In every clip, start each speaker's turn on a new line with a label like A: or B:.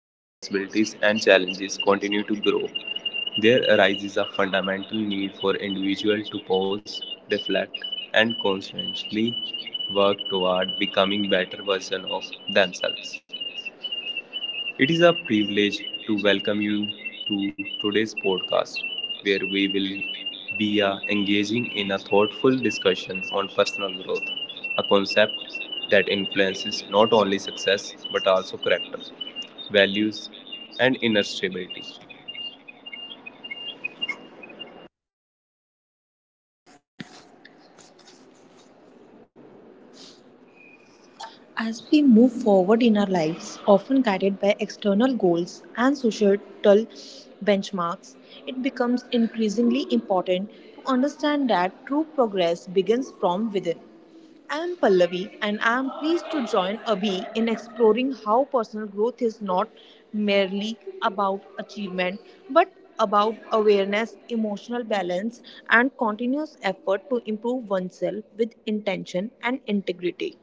A: responsibilities, and challenges continue to grow, there arises a fundamental need for individuals to pause, reflect, and consciously work toward becoming better versions of themselves. It is a privilege to welcome you to today's podcast, where we will be engaging in a thoughtful discussion on personal growth, a concept that influences not only success but also character, values, and inner stability.
B: As we move forward in our lives, often guided by external goals and societal benchmarks, it becomes increasingly important to understand that true progress begins from within. I am Pallavi and I am pleased to join Abhi in exploring how personal growth is not merely about achievement but about awareness, emotional balance, and continuous effort to improve oneself with intention and integrity.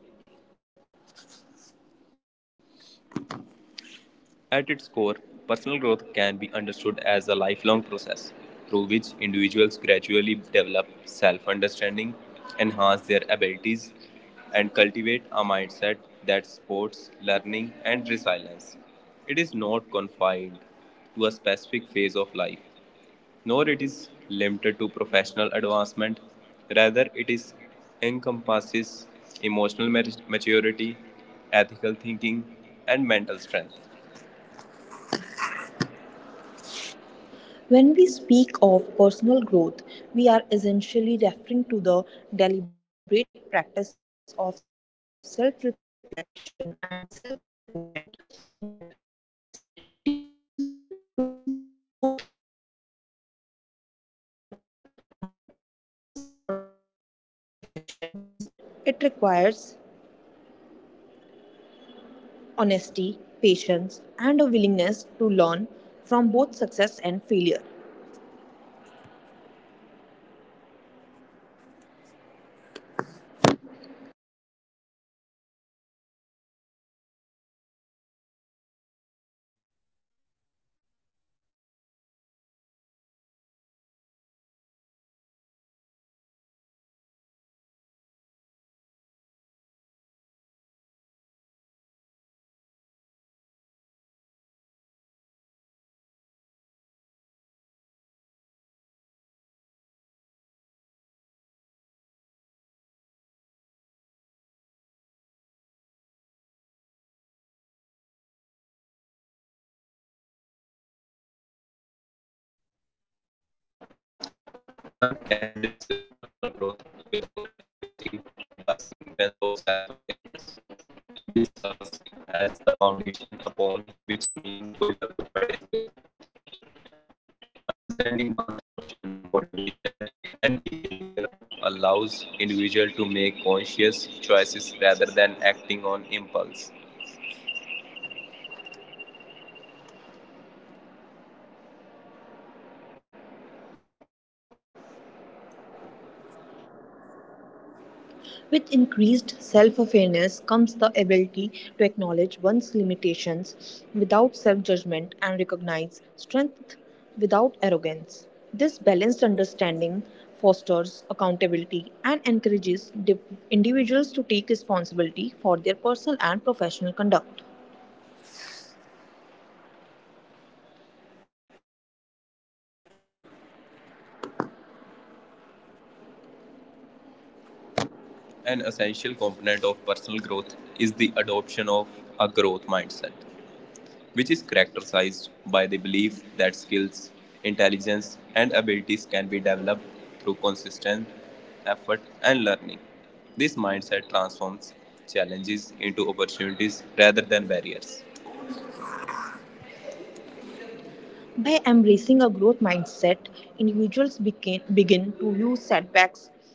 B: At its core, personal growth can be understood as a lifelong process through which individuals gradually develop self understanding, enhance their abilities, and cultivate a mindset that supports learning and resilience. It is not confined to a specific phase of life, nor it is limited to professional advancement. Rather, it is encompasses emotional maturity, ethical thinking, and mental strength. When we speak of personal growth, we are essentially referring to the deliberate practice of self reflection and self improvement that enables individuals to respond more thoughtfully to life's situations. Growth does not demand perfection, instead, it requires honesty, patience, and a willingness to learn from both success and failure.
A: One cannot discuss personal growth without emphasizing the significance of self awareness, which serves as the foundation upon which meaningful development is built. Understanding one's emotion, motivation, and behavioral patterns allows individual to make conscious choices rather than acting on impulse.
B: With increased self awareness comes the ability to acknowledge one's limitations without self judgment and recognize strength without arrogance. This balanced understanding fosters accountability and encourages individuals to take responsibility for their personal and professional conduct. An essential component of personal growth is the adoption of a growth mindset, which is characterized by the belief that skills, intelligence, and abilities can be developed through consistent effort and learning. This mindset transforms challenges into opportunities rather than barriers. By embracing a growth mindset, individuals begin to view setbacks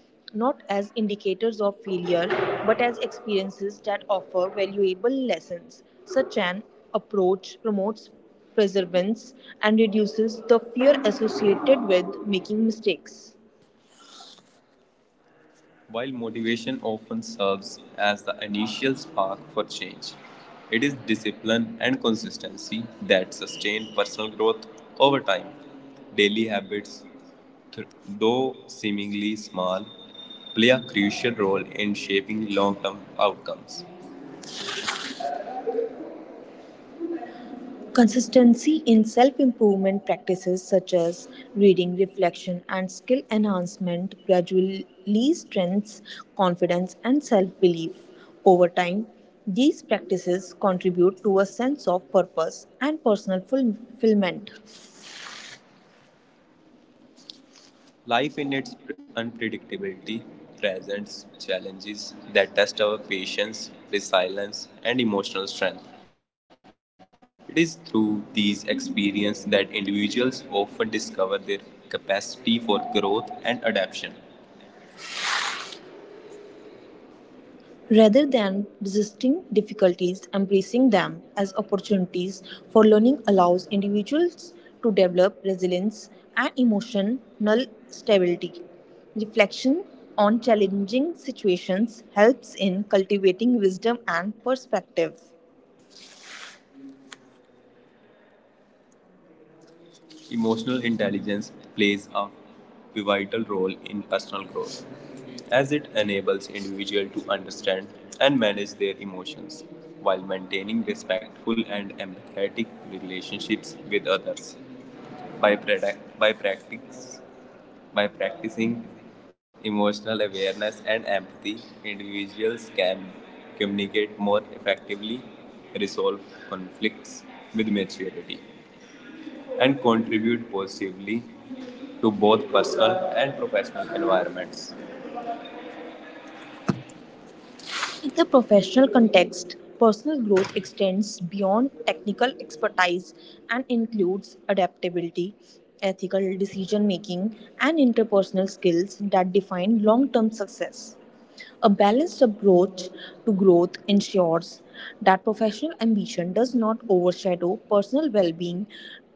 B: not as indicators of failure but as experiences that offer valuable lessons. Such an approach promotes perseverance and reduces the fear associated with making mistakes. While motivation often serves as the initial spark for change, it is discipline and consistency that sustain personal growth over time. Daily habits, though seemingly small, play a crucial role in shaping long term outcomes. Consistency in self improvement practices such as reading, reflection, and skill enhancement gradually strengthens confidence and self belief. Over time, these practices contribute to a sense of purpose and personal fulfillment. Life in its unpredictability presents challenges that test our patience, resilience, and emotional strength. It is through these experiences that individuals often discover their capacity for growth and adaptation. Rather than resisting difficulties, embracing them as opportunities for learning allows individuals to develop resilience and emotional stability. Reflection on challenging situations helps in cultivating wisdom and perspective. Emotional intelligence plays a pivotal role in personal growth, as it enables individuals to understand and manage their emotions while maintaining respectful and empathetic relationships with others. By, practi- by practice, by practicing emotional awareness and empathy, individuals can communicate more effectively, resolve conflicts with maturity, and contribute positively to both personal and professional environments. In the professional context, personal growth extends beyond technical expertise and includes adaptability, ethical decision making, and interpersonal skills that define long term success. A balanced approach to growth ensures that professional ambition does not overshadow personal well being.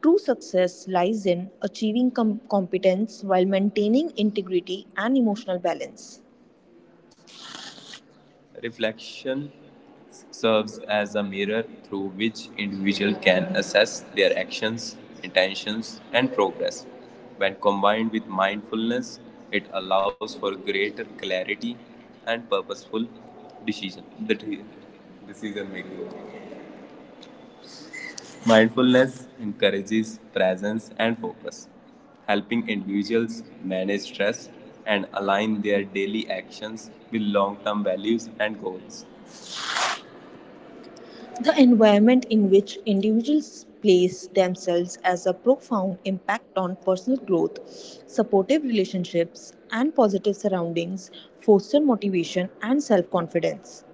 B: True success lies in achieving competence while maintaining integrity and emotional balance. Reflection serves as a mirror through which individuals can assess their actions, intentions, and progress. When combined with mindfulness, it allows for greater clarity and purposeful decision decision making. Mindfulness encourages presence and focus, helping individuals manage stress and align their daily actions with long-term values and goals. The environment in which individuals place themselves has a profound impact on personal growth. Supportive relationships and positive surroundings foster motivation and self confidence.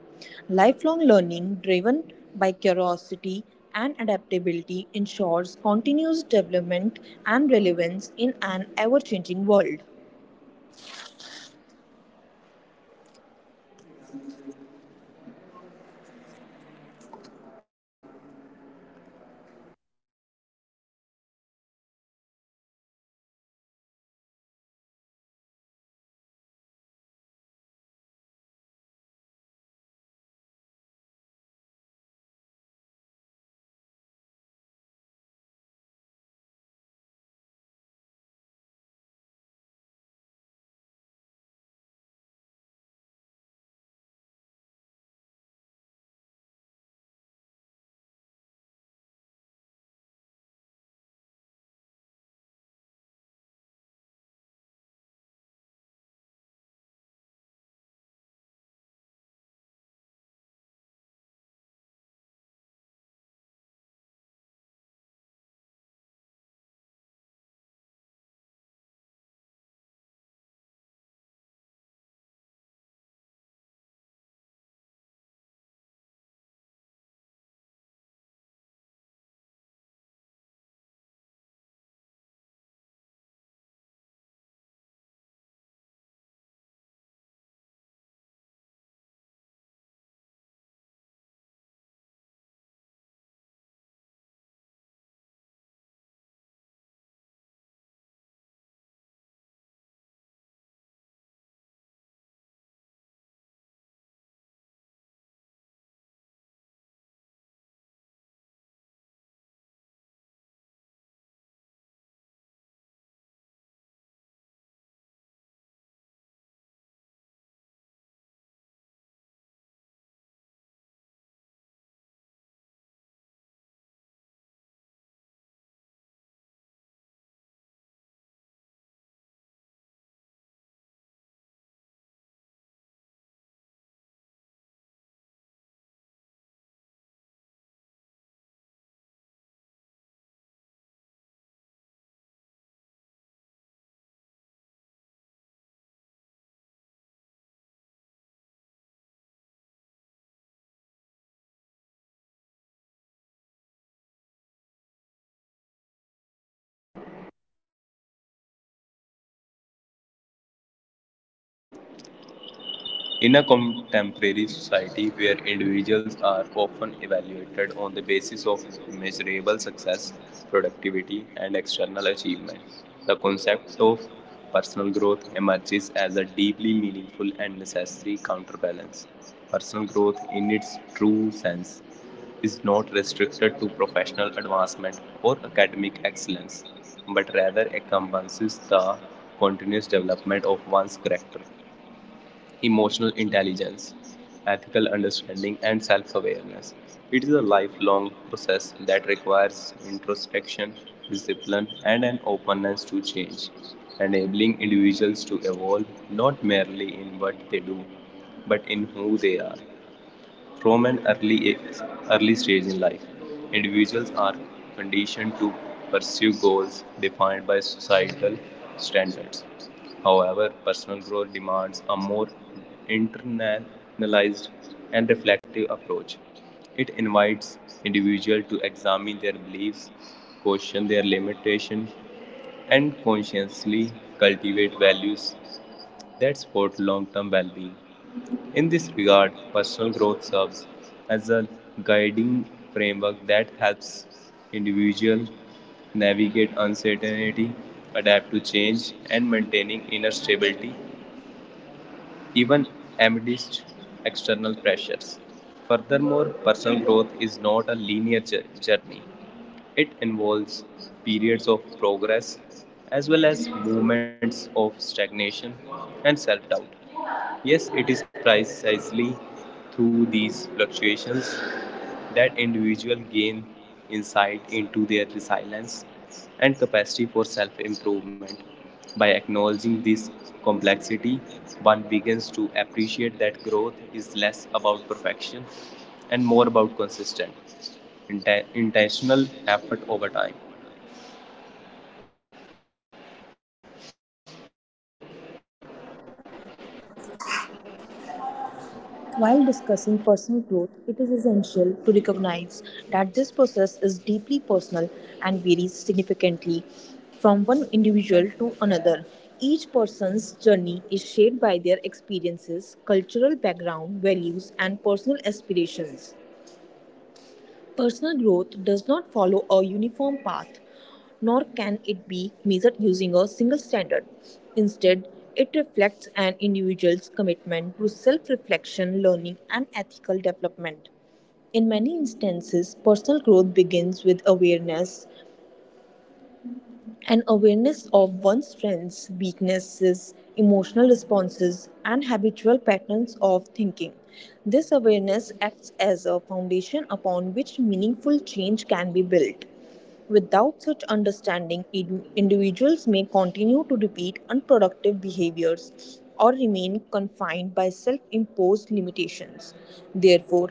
B: Lifelong learning, driven by curiosity and adaptability, ensures continuous development and relevance in an ever changing world.
C: In a contemporary society where individuals are often evaluated on the basis of measurable success, productivity, and external achievement, the concept of personal growth emerges as a deeply meaningful and necessary counterbalance. Personal growth, in its true sense, is not restricted to professional advancement or academic excellence, but rather encompasses the continuous development of one's character, emotional intelligence, ethical understanding, and self awareness. It is a lifelong process that requires introspection, discipline, and an openness to change, enabling individuals to evolve not merely in what they do, but in who they are. From an early stage in life, individuals are conditioned to pursue goals defined by societal standards. However, personal growth demands a more internalized and reflective approach. It invites individuals to examine their beliefs, question their limitations, and consciously cultivate values that support long term well being. In this regard, personal growth serves as a guiding framework that helps individuals navigate uncertainty, adapt to change, and maintaining inner stability even amidst external pressures. Furthermore, personal growth is not a linear journey. It involves periods of progress as well as moments of stagnation and self doubt. Yes, it is precisely through these fluctuations that individuals gain insight into their resilience and capacity for self improvement. By acknowledging this complexity, one begins to appreciate that growth is less about perfection and more about consistent, intentional effort over time.
B: While discussing personal growth, it is essential to recognize that this process is deeply personal and varies significantly from one individual to another. Each person's journey is shaped by their experiences, cultural background, values, and personal aspirations. Personal growth does not follow a uniform path, nor can it be measured using a single standard. Instead, it reflects an individual's commitment to self reflection, learning, and ethical development. In many instances, personal growth begins with awareness an awareness of one's strengths, weaknesses, emotional responses, and habitual patterns of thinking. This awareness acts as a foundation upon which meaningful change can be built. Without such understanding, individuals may continue to repeat unproductive behaviors or remain confined by self imposed limitations. Therefore,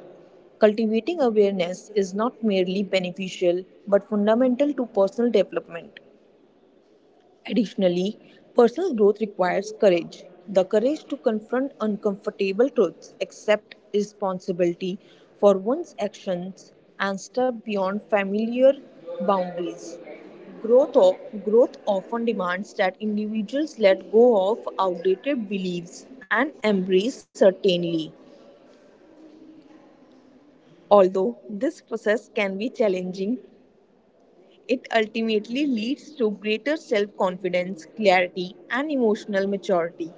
B: cultivating awareness is not merely beneficial but fundamental to personal development. Additionally, personal growth requires courage the courage to confront uncomfortable truths, accept responsibility for one's actions, and step beyond familiar boundaries. Growth, o- growth often demands that individuals let go of outdated beliefs and embrace certainty. Although this process can be challenging, it ultimately leads to greater self confidence, clarity, and emotional maturity.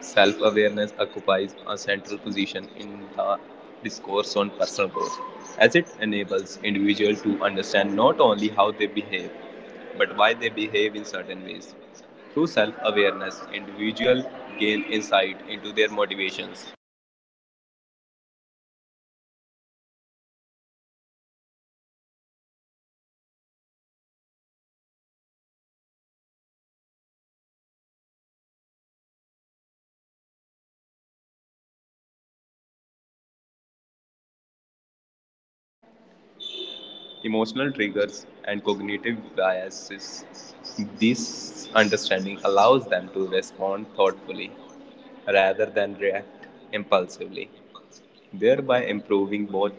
C: Self awareness occupies a central position in the discourse on personal growth, as it enables individuals to understand not only how they behave, but why they behave in certain ways. Through self awareness, individuals gain insight into their motivations, emotional triggers, and cognitive biases. This understanding allows them to respond thoughtfully rather than react impulsively, thereby improving both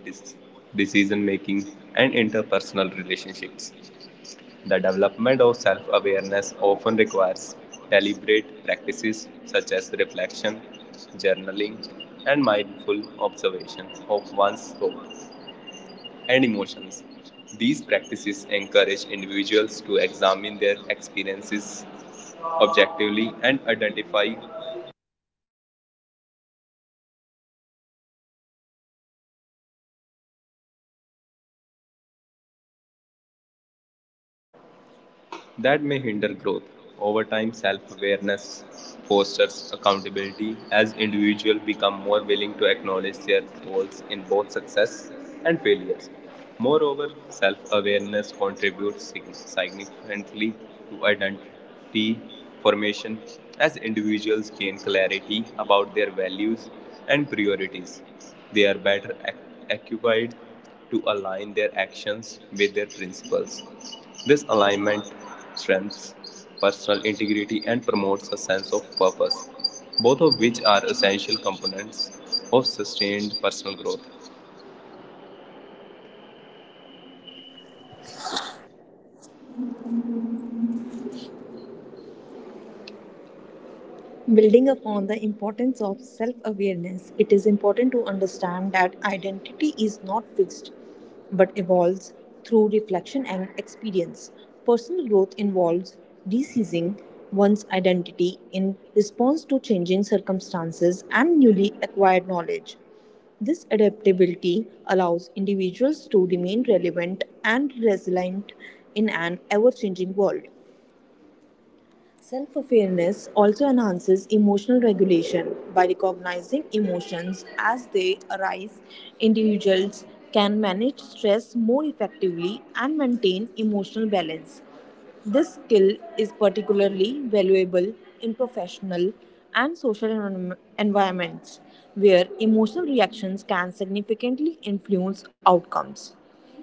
C: decision making and interpersonal relationships. The development of self awareness often requires deliberate practices such as reflection, journaling, and mindful observation of one's thoughts and emotions. These practices encourage individuals to examine their experiences objectively and identify that may hinder growth. Over time, self awareness fosters accountability as individuals become more willing to acknowledge their roles in both success and failures. Moreover, self awareness contributes significantly to identity formation as individuals gain clarity about their values and priorities. They are better occupied to align their actions with their principles. This alignment strengthens personal integrity and promotes a sense of purpose, both of which are essential components of sustained personal growth.
B: Building upon the importance of self awareness, it is important to understand that identity is not fixed but evolves through reflection and experience. Personal growth involves resizing one's identity in response to changing circumstances and newly acquired knowledge. This adaptability allows individuals to remain relevant and resilient in an ever changing world. Self awareness also enhances emotional regulation. By recognizing emotions as they arise, individuals can manage stress more effectively and maintain emotional balance. This skill is particularly valuable in professional and social environments where emotional reactions can significantly influence outcomes.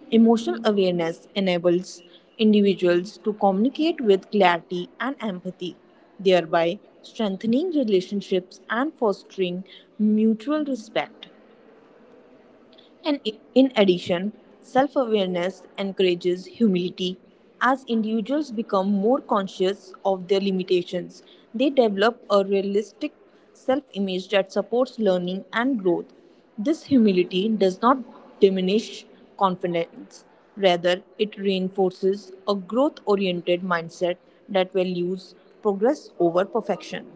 B: Emotional awareness enables individuals to communicate with clarity and empathy, thereby strengthening relationships and fostering mutual respect. In addition, self awareness encourages humility. As individuals become more conscious of their limitations, they develop a realistic self image that supports learning and growth. This humility does not diminish confidence, rather, it reinforces a growth oriented mindset that values progress over perfection.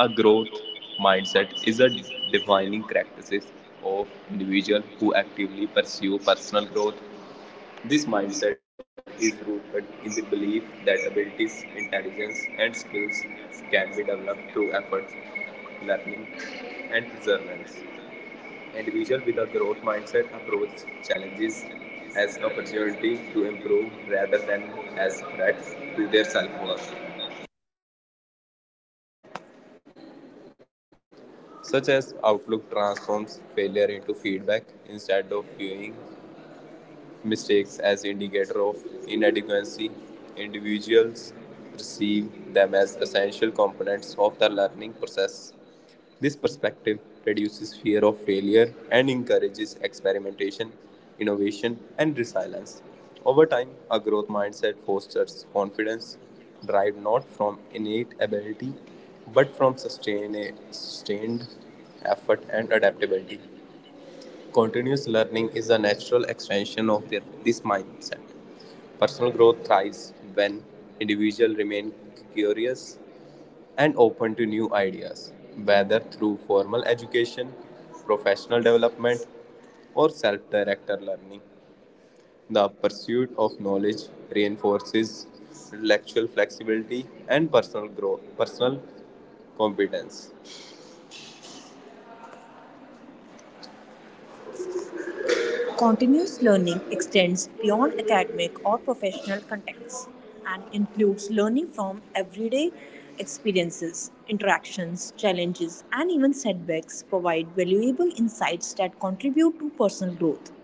C: A growth mindset is a defining characteristic of individuals who actively pursue personal growth. This mindset is rooted in the belief that abilities, intelligence, and skills can be developed through efforts, learning, and perseverance. Individual with a growth mindset approach challenges as opportunity to improve rather than as threats to their self-worth.
B: Such as Outlook transforms failure into feedback instead of viewing mistakes as indicator of inadequacy. Individuals perceive them as essential components of the learning process. This perspective reduces fear of failure and encourages experimentation, innovation, and resilience. Over time, a growth mindset fosters confidence derived not from innate ability but from sustained effort and adaptability. Continuous learning is the natural extension of this mindset. Personal growth thrives when individuals remain curious and open to new ideas, whether through formal education, professional development, or self directed learning. The pursuit of knowledge reinforces intellectual flexibility and personal growth, personal competence. Continuous learning extends beyond academic or professional contexts and includes learning from everyday experiences, interactions, challenges, and even setbacks provide valuable insights that contribute to personal growth.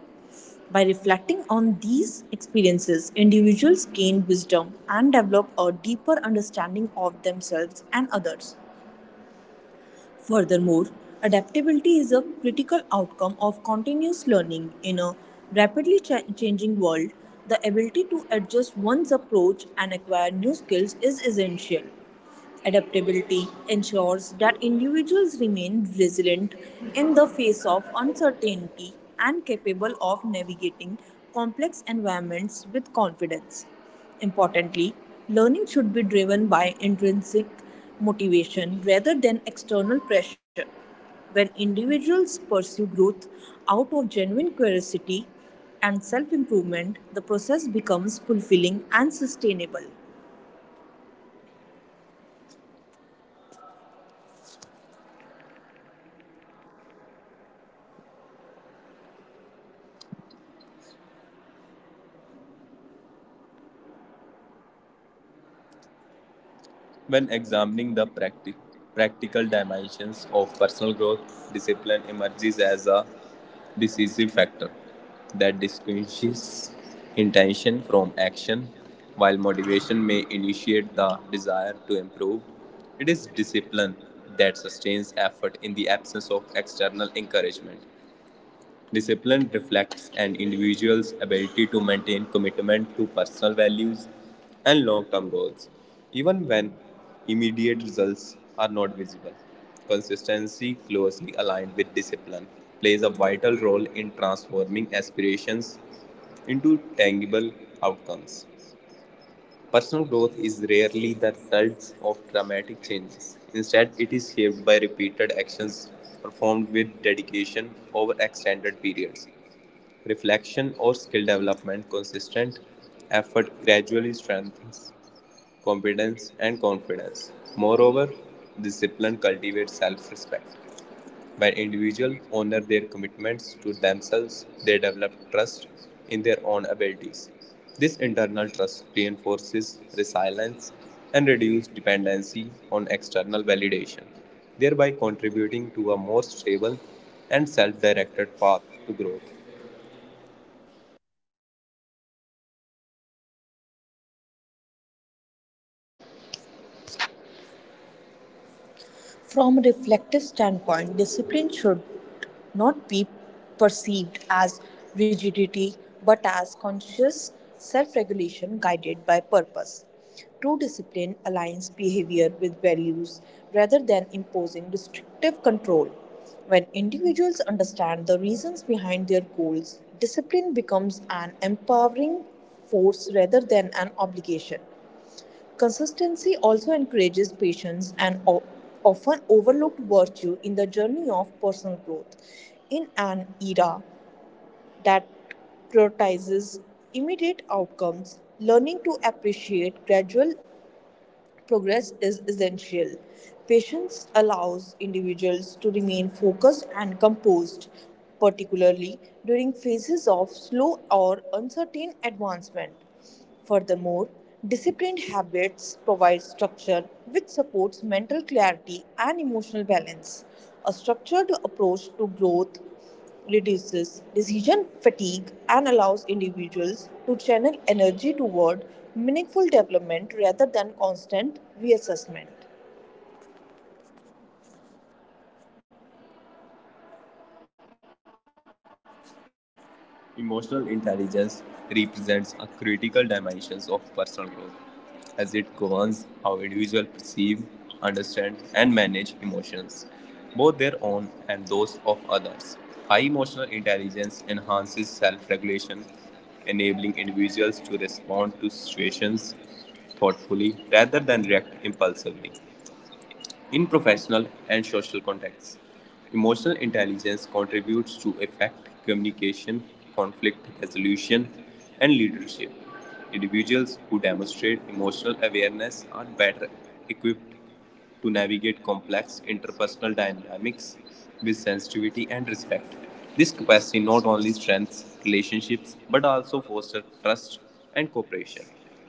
B: By reflecting on these experiences, individuals gain wisdom and develop a deeper understanding of themselves and others. Furthermore, adaptability is a critical outcome of continuous learning in a rapidly changing world. The ability to adjust one's approach and acquire new skills is essential. Adaptability ensures that individuals remain resilient in the face of uncertainty and capable of navigating complex environments with confidence. Importantly, learning should be driven by intrinsic motivation rather than external pressure. When individuals pursue growth out of genuine curiosity and self improvement, the process becomes fulfilling and sustainable. When examining the practical dimensions of personal growth, discipline emerges as a decisive factor that distinguishes intention from action. While motivation may initiate the desire to improve, it is discipline that sustains effort in the absence of external encouragement. Discipline reflects an individual's ability to maintain commitment to personal values and long term goals, even when immediate results are not visible. Consistency, closely aligned with discipline, plays a vital role in transforming aspirations into tangible outcomes. Personal growth is rarely the result of dramatic changes. Instead, it is shaped by repeated actions performed with dedication over extended periods reflection, or skill development, consistent effort gradually strengthens competence and confidence. Moreover, discipline cultivates self respect. When individuals honor their commitments to themselves, they develop trust in their own abilities. This internal trust reinforces resilience and reduces dependency on external validation, thereby contributing to a more stable and self directed path to growth. From a reflective standpoint, discipline should not be perceived as rigidity but as conscious self regulation guided by purpose. True discipline aligns behavior with values rather than imposing restrictive control. When individuals understand the reasons behind their goals, discipline becomes an empowering force rather than an obligation. Consistency also encourages patience, an often overlooked virtue in the journey of personal growth. In an era that prioritizes immediate outcomes, learning to appreciate gradual progress is essential. Patience allows individuals to remain focused and composed, particularly during phases of slow or uncertain advancement. Furthermore, disciplined habits provide structure which supports mental clarity and emotional balance. A structured approach to growth reduces decision fatigue and allows individuals to channel energy toward meaningful development rather than constant reassessment. Emotional intelligence represents a critical dimension of personal growth as it governs how individuals perceive, understand, and manage emotions, both their own and those of others. High emotional intelligence enhances self regulation, enabling individuals to respond to situations thoughtfully rather than react impulsively. In professional and social contexts, emotional intelligence contributes to effective communication, conflict resolution, and leadership. Individuals who demonstrate emotional awareness are better equipped to navigate complex interpersonal dynamics with sensitivity and respect. This capacity not only strengthens relationships but also fosters trust and cooperation.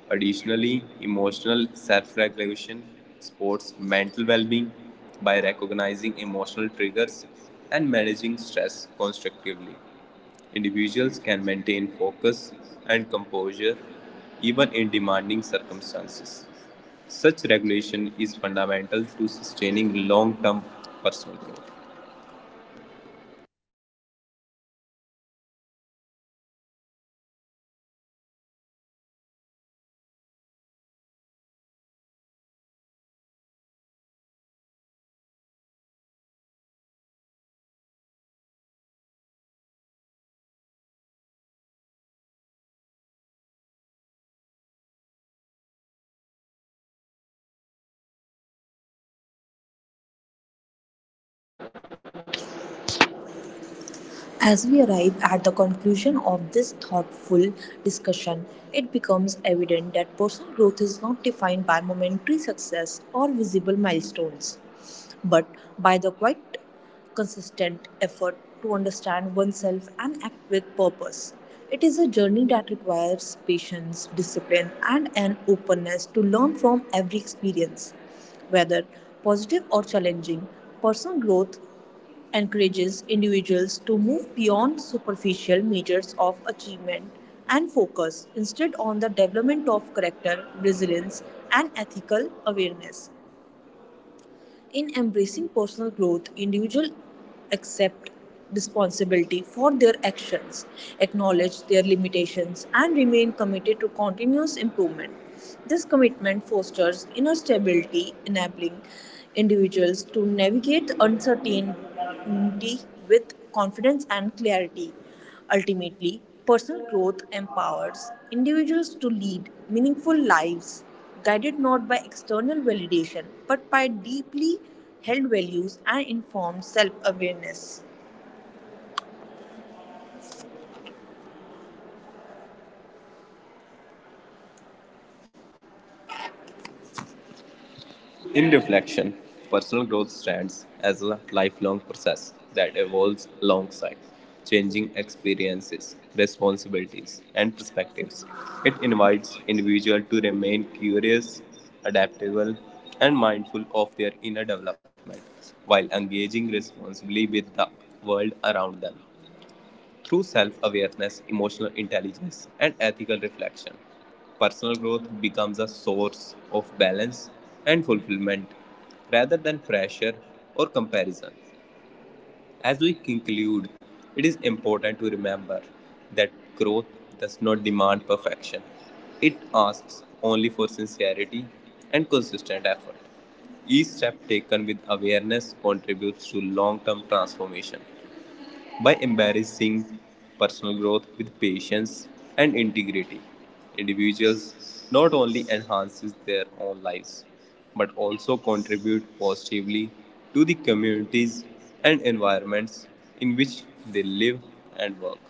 B: Additionally, emotional self regulation supports mental well being by recognizing emotional triggers and managing stress constructively. Individuals can maintain focus and composure even in demanding circumstances. Such regulation is fundamental to sustaining long term personal growth. As we arrive at the conclusion of this thoughtful discussion, it becomes evident that personal growth is not defined by momentary success or visible milestones, but by the quite consistent effort to understand oneself and act with purpose. It is a journey that requires patience, discipline, and an openness to learn from every experience. Whether positive or challenging, personal growth encourages individuals to move beyond superficial measures of achievement and focus instead on the development of character, resilience, and ethical awareness. In embracing personal growth, individuals accept responsibility for their actions, acknowledge their limitations, and remain committed to continuous improvement. This commitment fosters inner stability, enabling individuals to navigate uncertainty with confidence and clarity. Ultimately, personal growth empowers individuals to lead meaningful lives guided not by external validation but by deeply held values and informed self awareness. In reflection, personal growth stands as a lifelong process that evolves alongside changing experiences, responsibilities, and perspectives. It invites individuals to remain curious, adaptable, and mindful of their inner development while engaging responsibly with the world around them through self awareness, emotional intelligence, and ethical reflection. Personal growth becomes a source of balance and fulfillment rather than pressure or comparison. As we conclude, it is important to remember that growth does not demand perfection, it asks only for sincerity and consistent effort. Each step taken with awareness contributes to long term transformation by embracing personal growth with patience and integrity. Individuals not only enhances their own lives but also contribute positively to the communities and environments in which they live and work.